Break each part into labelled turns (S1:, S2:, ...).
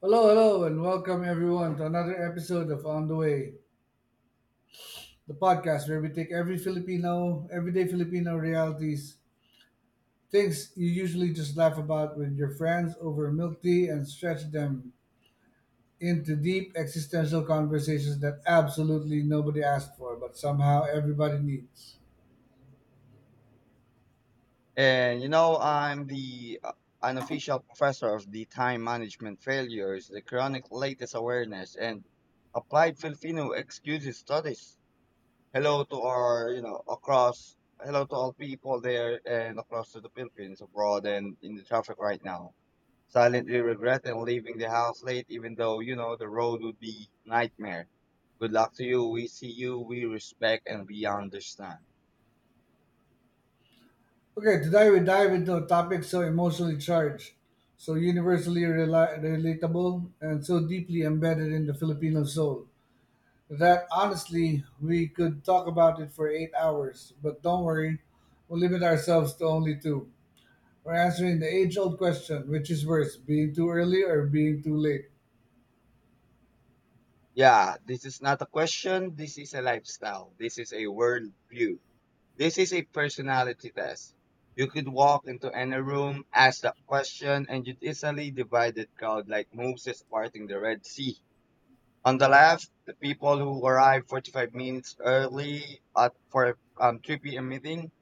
S1: Hello, hello, and welcome everyone to another episode of On the Way, the podcast where we take every Filipino, everyday Filipino realities, things you usually just laugh about with your friends over milk tea, and stretch them into deep existential conversations that absolutely nobody asked for, but somehow everybody needs.
S2: And I'm the unofficial professor of the time management failures, the chronic latest awareness, and applied Filipino excuses studies. Hello to all people there and across to the Philippines abroad and in the traffic right now. Silently regretting leaving the house late, even though the road would be nightmare. Good luck to you. We see you, we respect, and we understand.
S1: Okay, today we dive into a topic so emotionally charged, so universally relatable, and so deeply embedded in the Filipino soul. That honestly, we could talk about it for 8 hours, but don't worry, we'll limit ourselves to only two. We're answering the age old question: which is worse, being too early or being too late?
S2: Yeah, this is not a question. This is a lifestyle. This is a worldview. This is a personality test. You could walk into any room, ask that question, and you'd easily divide the crowd like Moses parting the Red Sea. On the left, the people who arrive 45 minutes early at for 3 p.m. meeting,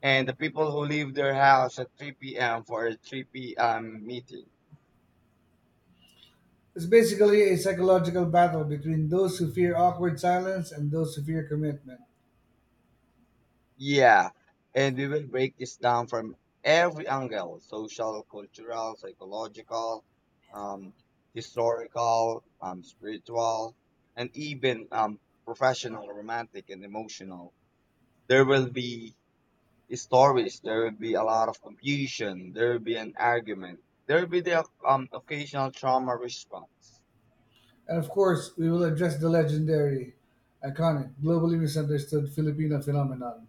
S2: and the people who leave their house at 3 p.m. for a 3 p.m. meeting.
S1: It's basically a psychological battle between those who fear awkward silence and those who fear commitment.
S2: Yeah, and we will break this down from every angle, social, cultural, psychological, um, historical, spiritual, and even professional, romantic, and emotional. There will be stories, there will be a lot of confusion, there will be an argument, there will be the occasional trauma response.
S1: And of course, we will address the legendary, iconic, globally misunderstood Filipino phenomenon.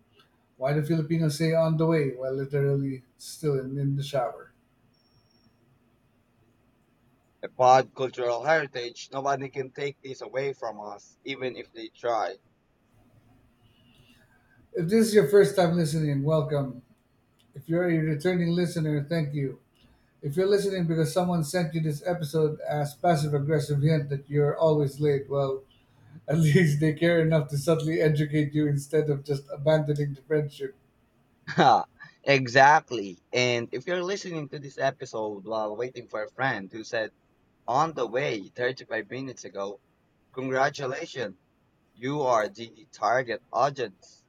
S1: Why do Filipinos say on the way while literally still in the shower?
S2: About cultural heritage, nobody can take this away from us, even if they try.
S1: If this is your first time listening, welcome. If you're a returning listener, thank you. If you're listening because someone sent you this episode as passive aggressive hint that you're always late, well, at least they care enough to subtly educate you instead of just abandoning the friendship.
S2: Ha, exactly. And if you're listening to this episode while waiting for a friend who said on the way 35 minutes ago, congratulations, you are the target audience.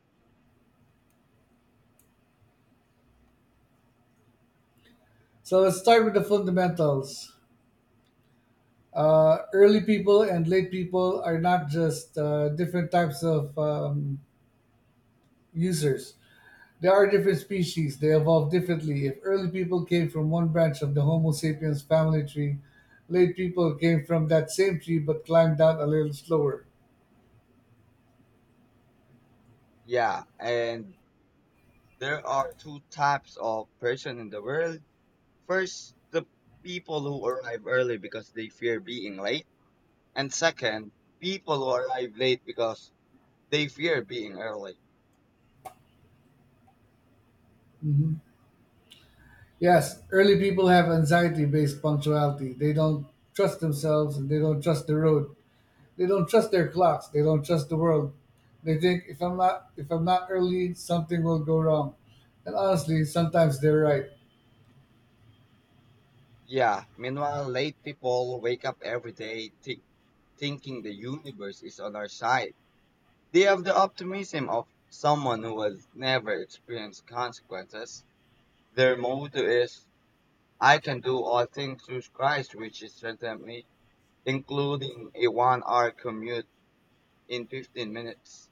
S1: So let's start with the fundamentals. Early people and late people are not just different types of users. There are different species, they evolved differently. If early people came from one branch of the Homo sapiens family tree, late people came from that same tree but climbed down a little slower.
S2: Yeah, and there are two types of person in the world. First, the people who arrive early because they fear being late, and second, people who arrive late because they fear being early.
S1: Yes, early people have anxiety based punctuality. They don't trust themselves and they don't trust the road. They don't trust their clocks. They don't trust the world. They think, if I'm not early, something will go wrong. And honestly, sometimes they're right.
S2: Yeah, meanwhile, late people wake up every day, thinking the universe is on our side. They have the optimism of someone who has never experienced consequences. Their motto is, I can do all things through Christ, which is certainly including a 1 hour commute in 15 minutes.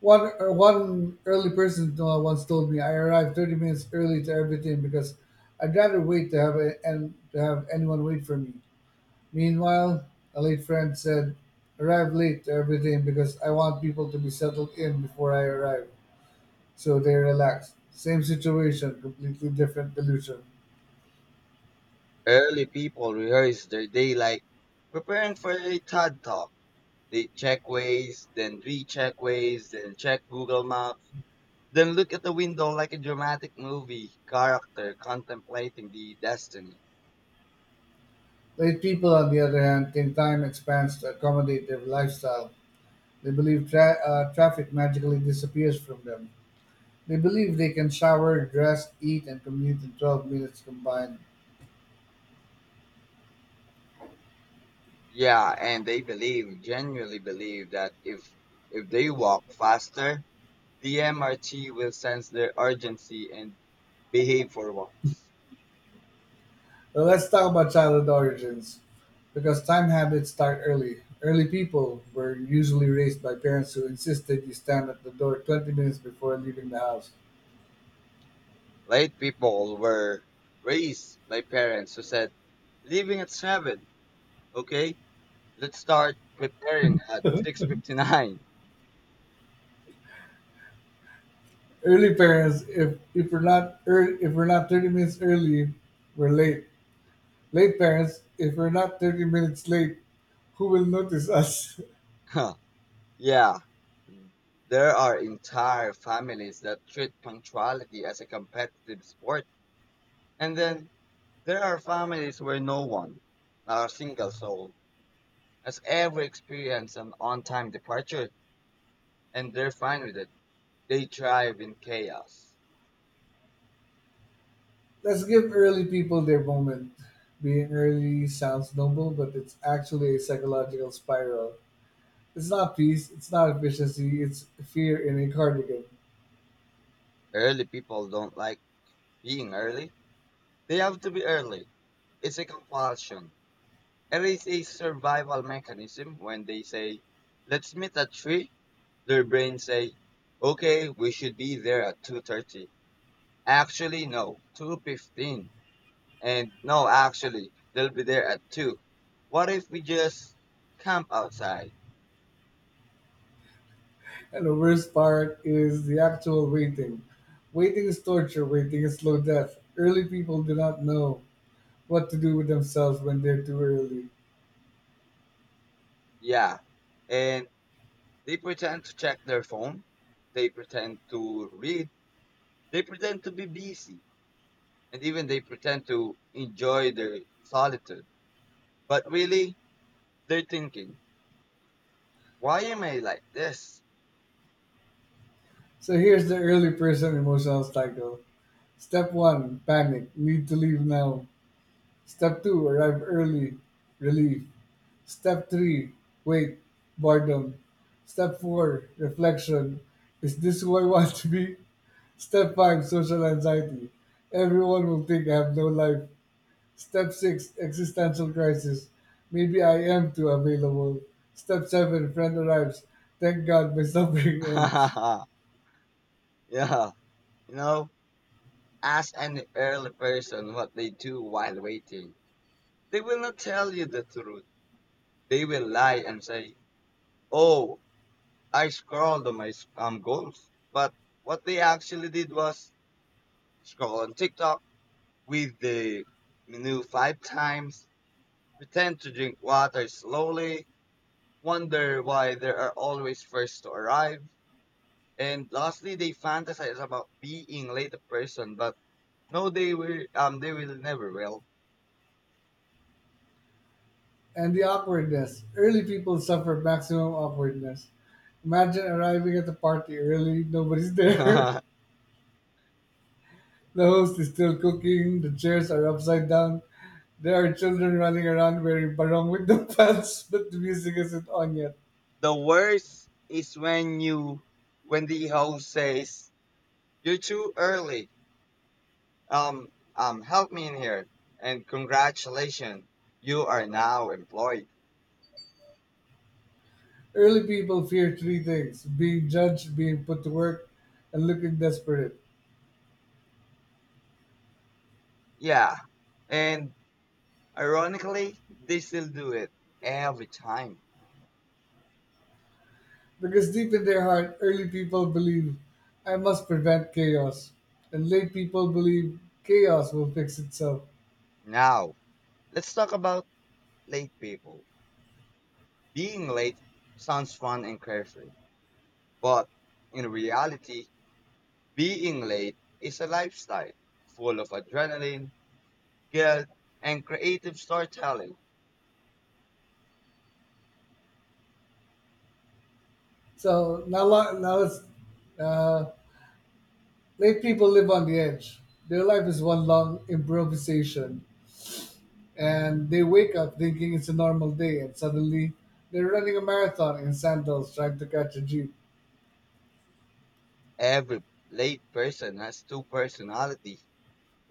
S1: One early person once told me, I arrived 30 minutes early to everything because I'd rather wait to have a, and to have anyone wait for me. Meanwhile, a late friend said, "Arrive late to everything because I want people to be settled in before I arrive, so they relax." Same situation, completely different delusion.
S2: Early people rehearse their day like preparing for a TED talk. They check ways, then recheck ways, then check Google Maps. Then look at the window like a dramatic movie character contemplating the destiny.
S1: Late people, on the other hand, think time expands to accommodate their lifestyle. They believe traffic magically disappears from them. They believe they can shower, dress, eat, and commute in 12 minutes combined.
S2: Yeah, and they believe, genuinely believe that if they walk faster, the MRT will sense their urgency and behave for once.
S1: But let's talk about childhood origins. Because time habits start early. Early people were usually raised by parents who insisted you stand at the door 20 minutes before leaving the house.
S2: Late people were raised by parents who said, "Leaving at seven, okay? Let's start preparing at 6:59."
S1: Early parents: if we're not 30 minutes early, we're late. Late parents: if we're not 30 minutes late, who will notice us?
S2: Yeah, there are entire families that treat punctuality as a competitive sport, and then there are families where no one, not a single soul, has ever experienced an on time departure, and they're fine with it. They thrive in chaos.
S1: Let's give early people their moment. Being early sounds noble, but it's actually a psychological spiral. It's not peace, it's not efficiency, it's fear in a cardigan.
S2: Early people don't like being early, they have to be early. It's a compulsion. It is a survival mechanism. When they say, let's meet at 3, their brains say, okay, we should be there at 2:30. Actually, no, 2:15. And no, actually, they'll be there at 2. What if we just camp outside?
S1: And the worst part is the actual waiting. Waiting is torture, waiting is slow death. Early people do not know what to do with themselves when they're too early.
S2: Yeah. And they pretend to check their phone. They pretend to read. They pretend to be busy. And even they pretend to enjoy their solitude. But really, they're thinking, why am I like this?
S1: So here's the early person emotional cycle. Step one, panic, need to leave now. Step two, arrive early, relief. Step three, wait, boredom. Step four, reflection. Is this who I want to be? Step five, social anxiety. Everyone will think I have no life. Step six, existential crisis. Maybe I am too available. Step seven, friend arrives. Thank God my suffering ends.
S2: Yeah, you know, ask any early person what they do while waiting. They will not tell you the truth. They will lie and say, "Oh, I scrolled on my goals," but what they actually did was scroll on TikTok with the menu five times, pretend to drink water slowly, wonder why there are always first to arrive, and lastly, they fantasize about being late a person, but no, they will. They will never will.
S1: And the awkwardness. Early people suffer maximum awkwardness. Imagine arriving at the party early, nobody's there.
S2: The
S1: The host is still cooking, the chairs are upside down, there are children running around wearing barong with the pants, but the music isn't on yet.
S2: worst is when when the host says you're too early. Um, Help me in here, and congratulations, you are now employed.
S1: Early people fear three things: being judged, being put to work, and looking desperate.
S2: Yeah, and ironically, they still do it every time.
S1: Because deep in their heart, early people believe, I must prevent chaos. And late people believe chaos will fix itself.
S2: Now, let's talk about late people. Being late sounds fun and carefree, but in reality, being late is a lifestyle full of adrenaline, guilt, and creative storytelling.
S1: Now it's, uh, late people live on the edge. Their life is one long improvisation. And they wake up thinking it's a normal day, and suddenly they're running a marathon in sandals trying to catch a jeep.
S2: Every late person has two personalities.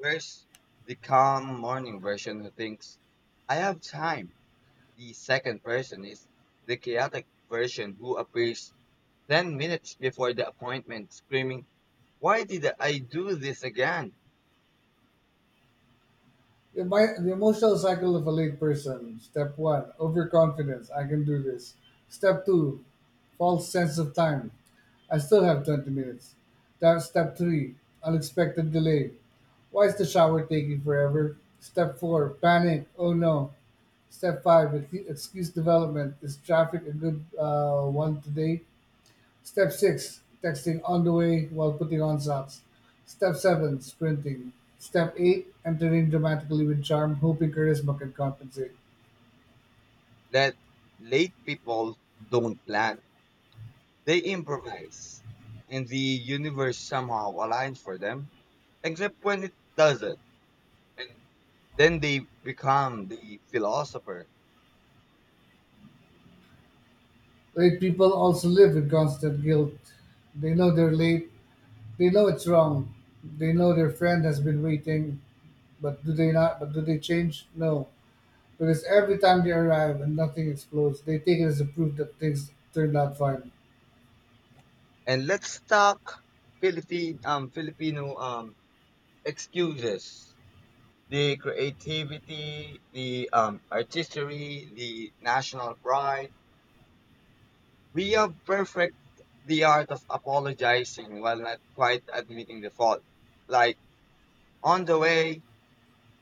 S2: First, the calm morning version who thinks, I have time. The second person is the chaotic version who appears 10 minutes before the appointment screaming, why did I do this again?
S1: The emotional cycle of a late person. Step one, overconfidence. I can do this. Step two, false sense of time. I still have 20 minutes. That's step three, unexpected delay. Why is the shower taking forever? Step four, panic. Oh no. Step five, excuse development. Is traffic a good one today? Step 6, texting on the way while putting on socks. Step 7, sprinting. Step 8, entering dramatically with charm, hoping charisma can compensate.
S2: That late people don't plan. They improvise, and the universe somehow aligns for them, except when it doesn't. And then they become the philosopher.
S1: Late people also live with constant guilt. They know they're late. They know it's wrong. They know their friend has been waiting, but do they not? But do they change? No, because every time they arrive and nothing explodes, they take it as a proof that things turned out fine.
S2: And let's talk Philippine Filipino excuses. The creativity, the artistry, the national pride. We have perfect the art of apologizing while not quite admitting the fault. Like on the way,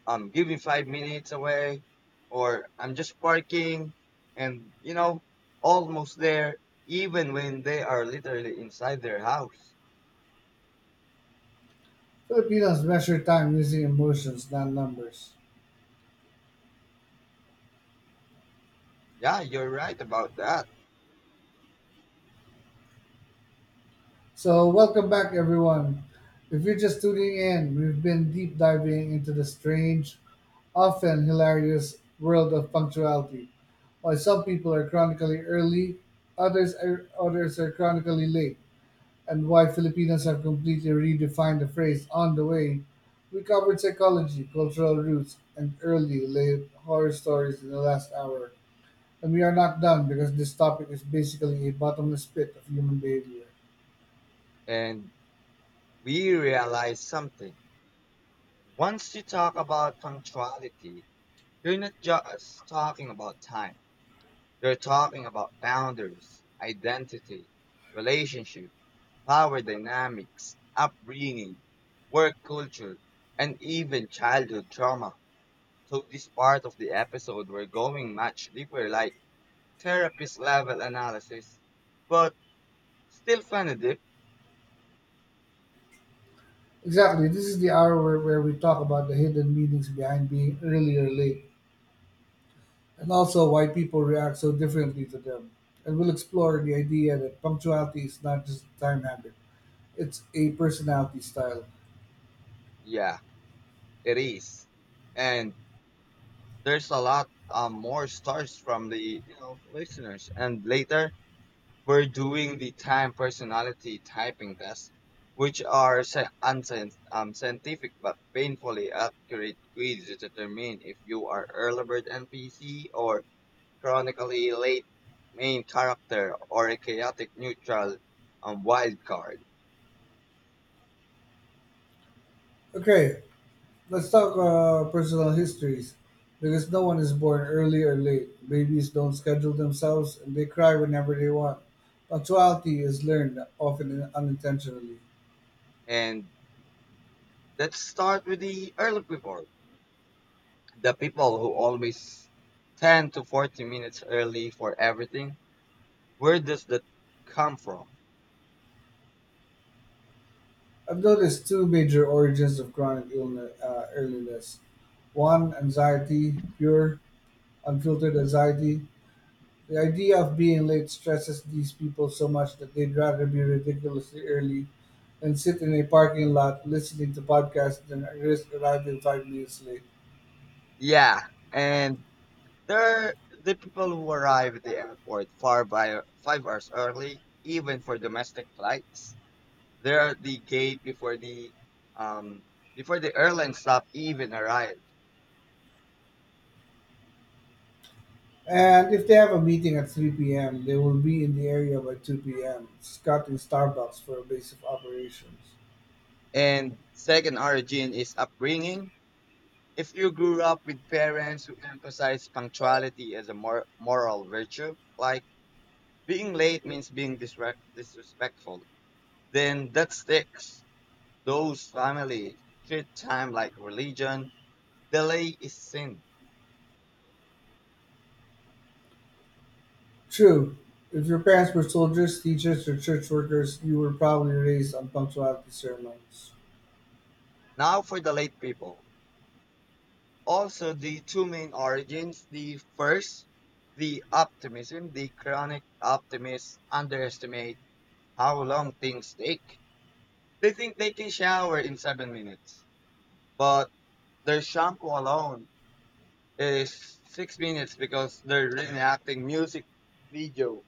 S2: I'm giving 5 minutes away, or I'm just parking, and almost there, even when they are literally inside their house.
S1: Filipinos measure time using emotions, not numbers.
S2: Yeah, you're right about that.
S1: So, welcome back, everyone. If you're just tuning in, we've been deep diving into the strange, often hilarious world of punctuality. Why some people are chronically early, others are chronically late, and why Filipinos have completely redefined the phrase on the way. We covered psychology, cultural roots, and early late horror stories in the last hour. And we are not done because this topic is basically a bottomless pit of human behavior.
S2: And we realize something. Once you talk about punctuality, you're not just talking about time, you're talking about boundaries, identity, relationship, power dynamics, upbringing, work culture, and even childhood trauma. So this part of the episode we're going much deeper, like therapist level analysis. But still kinda deep.
S1: Exactly. This is the hour where we talk about the hidden meanings behind being early or late, and also why people react so differently to them. And we'll explore the idea that punctuality is not just a time habit, it's a personality style.
S2: Yeah, it is. And there's a lot more stars from the listeners. And later we're doing the time personality typing test, which are scientific but painfully accurate quiz to determine if you are early bird NPC or chronically late main character or a chaotic neutral wild card.
S1: Okay, let's talk personal histories. Because no one is born early or late. Babies don't schedule themselves and they cry whenever they want. Punctuality is learned, often unintentionally.
S2: And let's start with the early people. The people who always 10 to 40 minutes early for everything. Where does that come from?
S1: I've noticed two major origins of chronic illness, earliness. One, anxiety, pure, unfiltered anxiety. The idea of being late stresses these people so much that they'd rather be ridiculously early than sit in a parking lot listening to podcasts than risk arriving 5 minutes late.
S2: Yeah, and they're the people who arrive at the airport far by 5 hours early, even for domestic flights. They're at the gate um before the airline stop even arrive.
S1: And if they have a meeting at 3 p.m., they will be in the area by 2 p.m., scouting Starbucks for a base of operations.
S2: And second origin is upbringing. If you grew up with parents who emphasize punctuality as a moral virtue, like being late means being disrespectful, then that sticks. Those families treat time like religion. Delay is sin.
S1: True, if your parents were soldiers, teachers, or church workers, you were probably raised on punctuality sermons.
S2: Now for the late people. Also, the two main origins. The first, the optimism. The chronic optimists underestimate how long things take. They think they can shower in 7 minutes, but their shampoo alone is 6 minutes because they're reenacting music video.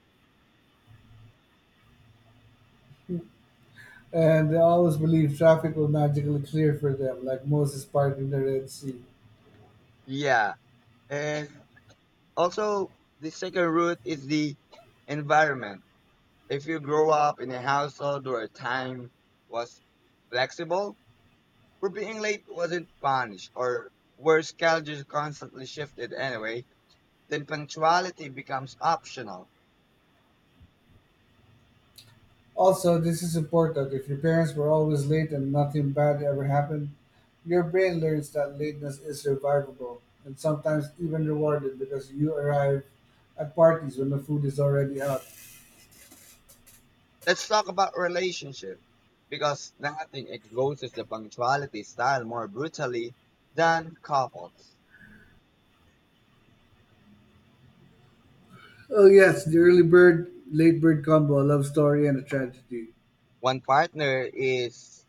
S1: And they always believed traffic will magically clear for them, like Moses parting the Red Sea.
S2: Yeah, and also the second root is the environment. If you grow up in a household where time was flexible, where being late wasn't punished, or where schedules constantly shifted anyway, then punctuality becomes optional.
S1: Also, this is important. If your parents were always late and nothing bad ever happened, your brain learns that lateness is survivable and sometimes even rewarded because you arrive at parties when the food is already out.
S2: Let's talk about relationship because nothing exposes the punctuality style more brutally than couples.
S1: Oh, yes, the early bird, late bird combo, a love story, and a tragedy.
S2: One partner is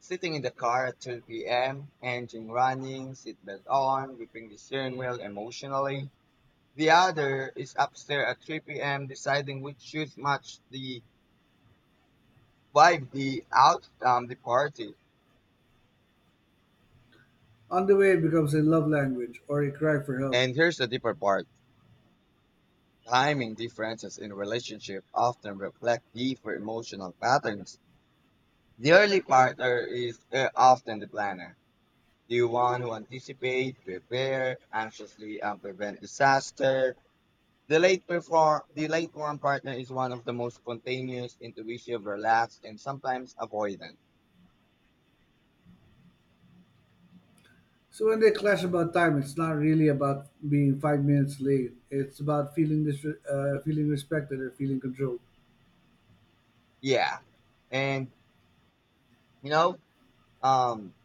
S2: sitting in the car at 2 p.m., engine running, seatbelt on, gripping the steering wheel emotionally. The other is upstairs at 3 p.m. deciding which shoes match the vibe, the party.
S1: On the way, it becomes a love language or a cry for help.
S2: And here's the deeper part. Timing differences in relationship often reflect deeper emotional patterns. The early partner is often the planner, the one who anticipates, prepare anxiously, and prevent disaster. The the late one partner is one of the most spontaneous, intuitive, relaxed, and sometimes avoidant.
S1: So when they clash about time, it's not really about being 5 minutes late. It's about feeling this, feeling respected or feeling controlled.
S2: Yeah, and you know, um,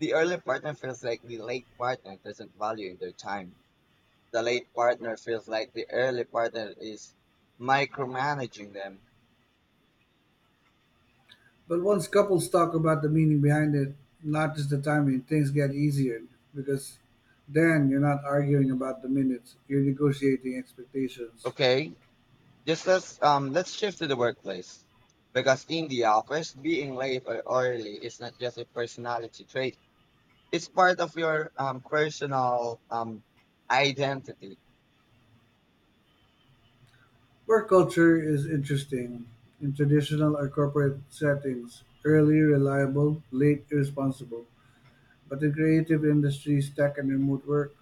S2: the early partner feels like the late partner doesn't value their time. The late partner feels like the early partner is micromanaging them.
S1: But once couples talk about the meaning behind it, not just the timing, things get easier because then you're not arguing about the minutes. You're negotiating expectations.
S2: Okay, just let's shift to the workplace. Because in the office, being late or early is not just a personality trait. It's part of your personal identity.
S1: Work culture is interesting. In traditional or corporate settings, early reliable, late irresponsible. But the creative industries, tech and remote work,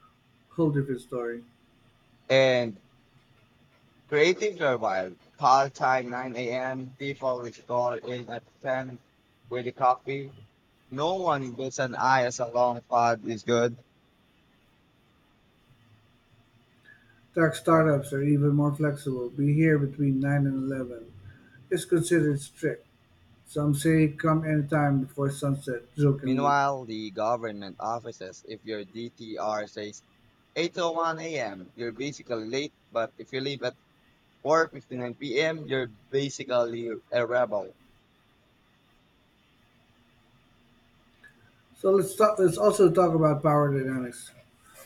S1: whole different story.
S2: And creatives are wild. Call time 9 a.m., people will call in at 10 with a coffee. No one bats an eye as a long pod is good.
S1: Tech startups are even more flexible. Be here between 9 and 11, it's considered strict. Some say come anytime before sunset, jokingly.
S2: Meanwhile, the government offices, if your DTR says 8:01 a.m., you're basically late, but if you leave at 4:59 p.m., you're basically a rebel.
S1: So let's talk, let's also talk about power dynamics.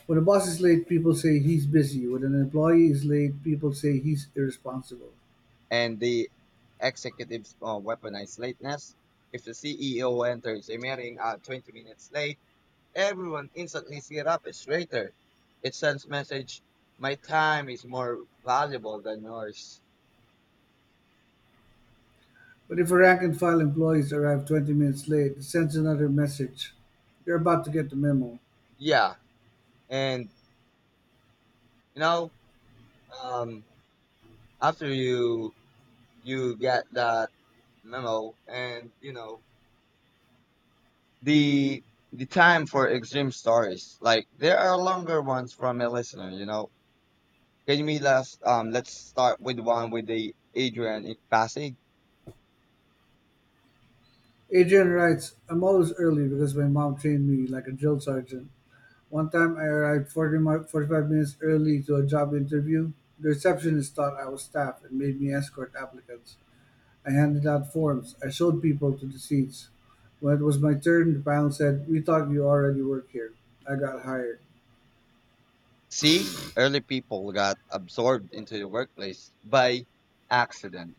S1: When a boss is late, people say he's busy. When an employee is late, people say he's irresponsible.
S2: And the executives weaponize lateness. If the CEO enters a meeting at 20 minutes late, everyone instantly sit up straighter. It sends message, my time is more valuable than yours.
S1: But if a rank and file employees arrive 20 minutes late, it sends another message. You're about to get the memo.
S2: Yeah, and you know, um, after you get that memo, and the time for extreme stories. Like there are longer ones from a listener. Can we last Let's start with one with the Adrian in Pasig.
S1: Adrian writes, I'm always early because my mom trained me like a drill sergeant. One time I arrived 45 minutes early to a job interview. The receptionist thought I was staff and made me escort applicants. I handed out forms. I showed people to the seats. When it was my turn, the panel said, We thought you already work here. I got hired.
S2: See, early people got absorbed into the workplace by accident.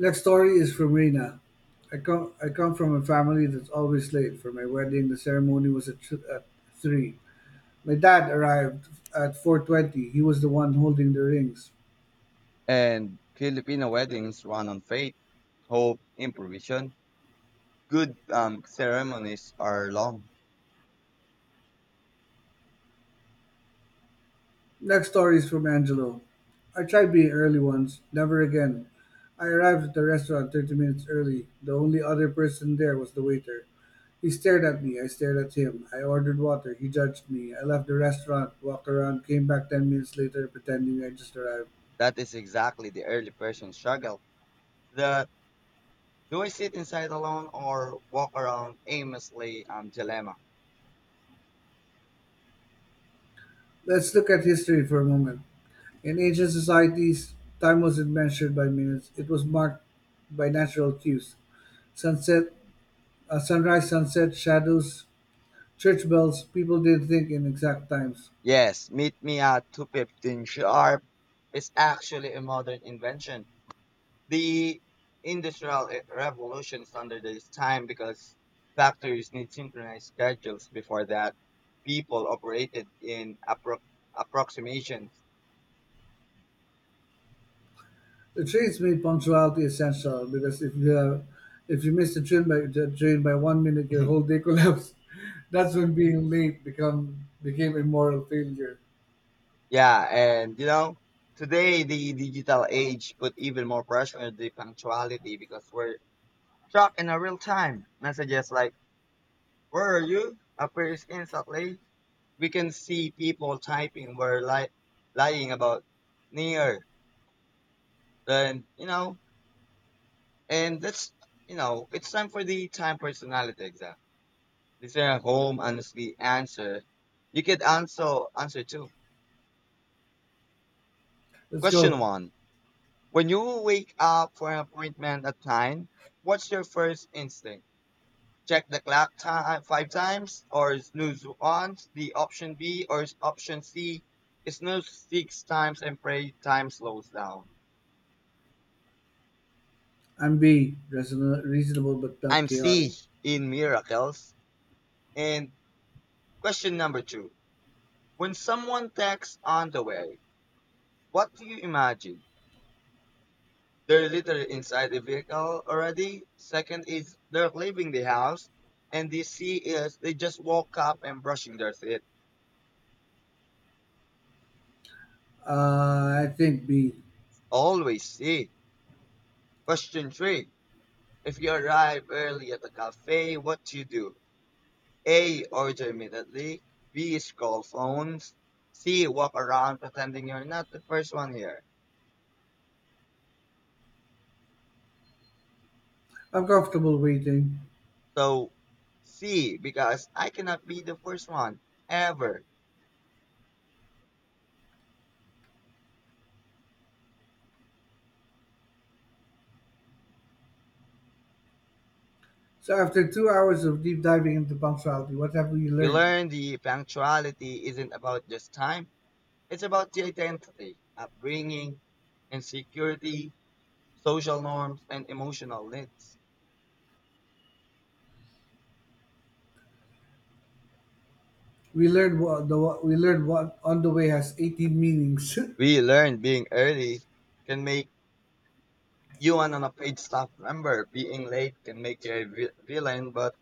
S1: Next story is from Rena. I come from a family that's always late. For my wedding, the ceremony was at, at 3. My dad arrived at 4:20. He was the one holding the rings.
S2: And Filipino weddings run on faith, hope, improvisation. Good ceremonies are long.
S1: Next story is from Angelo. I tried being early once, never again. I arrived at the restaurant 30 minutes early. The only other person there was the waiter. He stared at me, I stared at him. I ordered water, he judged me. I left the restaurant, walked around, came back 10 minutes later pretending I just arrived.
S2: That is exactly the early person struggle. The, do I sit inside alone or walk around aimlessly, dilemma.
S1: Let's look at history for a moment. In ancient societies, time wasn't measured by minutes, it was marked by natural cues: sunset, sunrise, sunset, shadows, church bells. People didn't think in exact times.
S2: Yes, meet me at 2:15 sharp is actually a modern invention. The industrial revolution standardized time because factories need synchronized schedules. Before that, people operated in approximations.
S1: The trains made punctuality essential because if you miss the train by 1 minute, your whole day collapsed. That's when being late become became a moral failure.
S2: Yeah, and today the digital age put even more pressure on the punctuality because we're trapped in a real time messages like, where are you? Appears instantly. We can see people typing were lying about near. Then you know, and that's you know, It's time for the time personality exam. Listener at home honestly answer. You could answer too.
S1: Let's
S2: Question
S1: go.
S2: one. When you wake up for an appointment at nine, what's your first instinct? Check the clock time five times or snooze once, the option B, or is option C, snooze six times and pray time slows down.
S1: I'm B, reasonable but not
S2: I'm
S1: chaotic.
S2: C, in miracles. And question number two. When someone texts on the way, what do you imagine? They're literally inside the vehicle already. Second is they're leaving the house. And the C is they just woke up and brushing their teeth.
S1: I think B.
S2: Always C. Question three. If you arrive early at the cafe, what do you do? A. Order immediately. B. Scroll phones. C. Walk around pretending you're not the first one here.
S1: I'm comfortable waiting.
S2: So, C. Because I cannot be the first one. Ever.
S1: So after 2 hours of deep diving into punctuality, what have we
S2: We
S1: learned?
S2: learned the punctuality isn't about just time. It's about the identity, upbringing, insecurity, social norms, and emotional needs.
S1: We learned what on the way has 18 meanings, and
S2: We learned being early can make you and an unpaid staff member, being late can make you a villain, but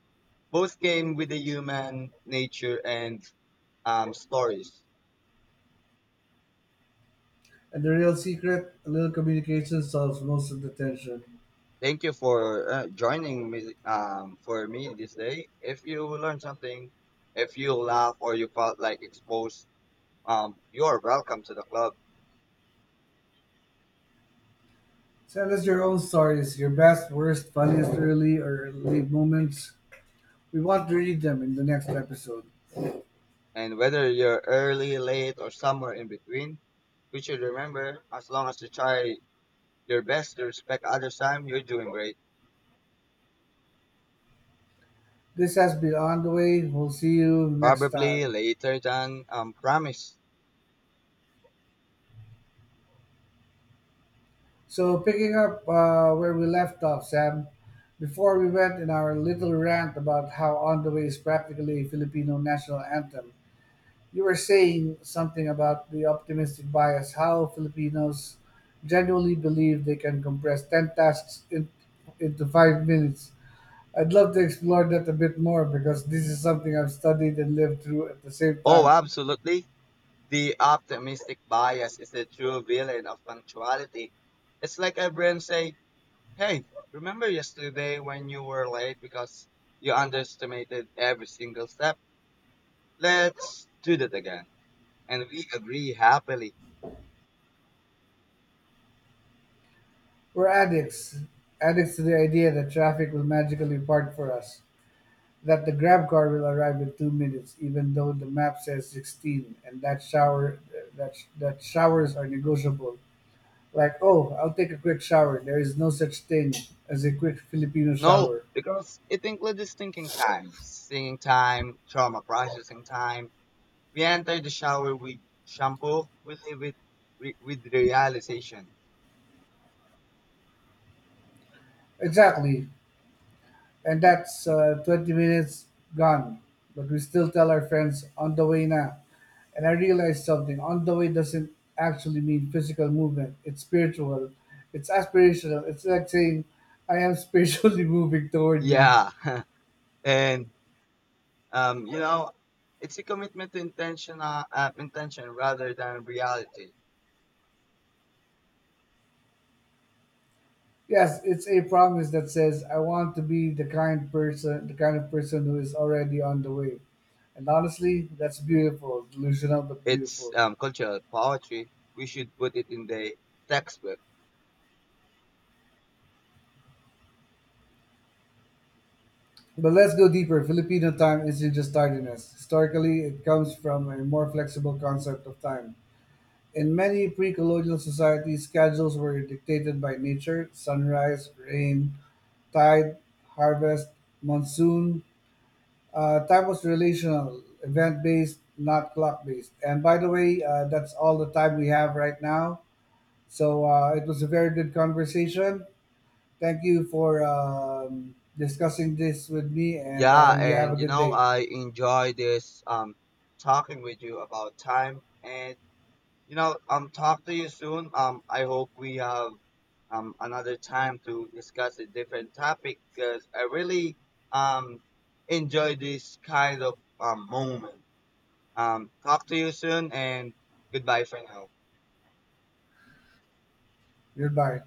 S2: both came with the human nature and stories.
S1: the real secret: a little communication solves most of the tension.
S2: Thank you for joining me for me this day. If you learned something, if you laugh or you felt like exposed, you are welcome to the club.
S1: Send us your own stories, your best, worst, funniest early or late moments. We want to read them in the next episode.
S2: And whether you're early, late, or somewhere in between, we should remember as long as you try your best to respect others' time, you're doing great.
S1: This has been on the way. We'll see you next
S2: Probably
S1: time.
S2: later than promised.
S1: So, picking up where we left off, Sam, before we went in our little rant about how On the Way is practically a Filipino national anthem, you were saying something about the optimistic bias, how Filipinos genuinely believe they can compress 10 tasks into 5 minutes. I'd love to explore that a bit more because this is something I've studied and lived through at the same
S2: Oh,
S1: time.
S2: absolutely. The optimistic bias is the true villain of punctuality. It's like our brain say, hey, remember yesterday when you were late because you underestimated every single step? Let's do that again. And we agree happily.
S1: We're addicts, addicts to the idea that traffic will magically park for us, that the grab car will arrive in 2 minutes, even though the map says 16, and that that showers are negotiable. Like, oh, I'll take a quick shower. There is no such thing as a quick Filipino
S2: No,
S1: shower.
S2: because it includes thinking time, singing time, trauma processing time. We enter the shower with shampoo, we leave it with the realization.
S1: Exactly. And that's 20 minutes gone. But we still tell our friends on the way now. And I realized something: on the way doesn't actually mean physical movement, it's spiritual, it's aspirational. It's like saying, I am spiritually moving toward you.
S2: Yeah, and um, you know, it's a commitment to intention rather than reality.
S1: Yes, it's a promise that says I want to be the kind person, the kind of person who is already on the way. And honestly, that's beautiful, delusional but
S2: It's
S1: beautiful.
S2: cultural poetry. We should put it in the textbook.
S1: But let's go deeper. Filipino time isn't just tardiness. Historically, it comes from a more flexible concept of time. In many pre colonial societies, schedules were dictated by nature: sunrise, rain, tide, harvest, monsoon. Time was relational, event based, not clock based. And by the way, that's all the time we have right now. So it was a very good conversation. Thank you for discussing this with me, and
S2: Yeah,
S1: you have a
S2: and
S1: good day.
S2: I enjoy this talking with you about time, and talk to you soon. I hope we have another time to discuss a different topic because I really um enjoy this kind of moment. Talk to you soon and goodbye for now.
S1: Goodbye.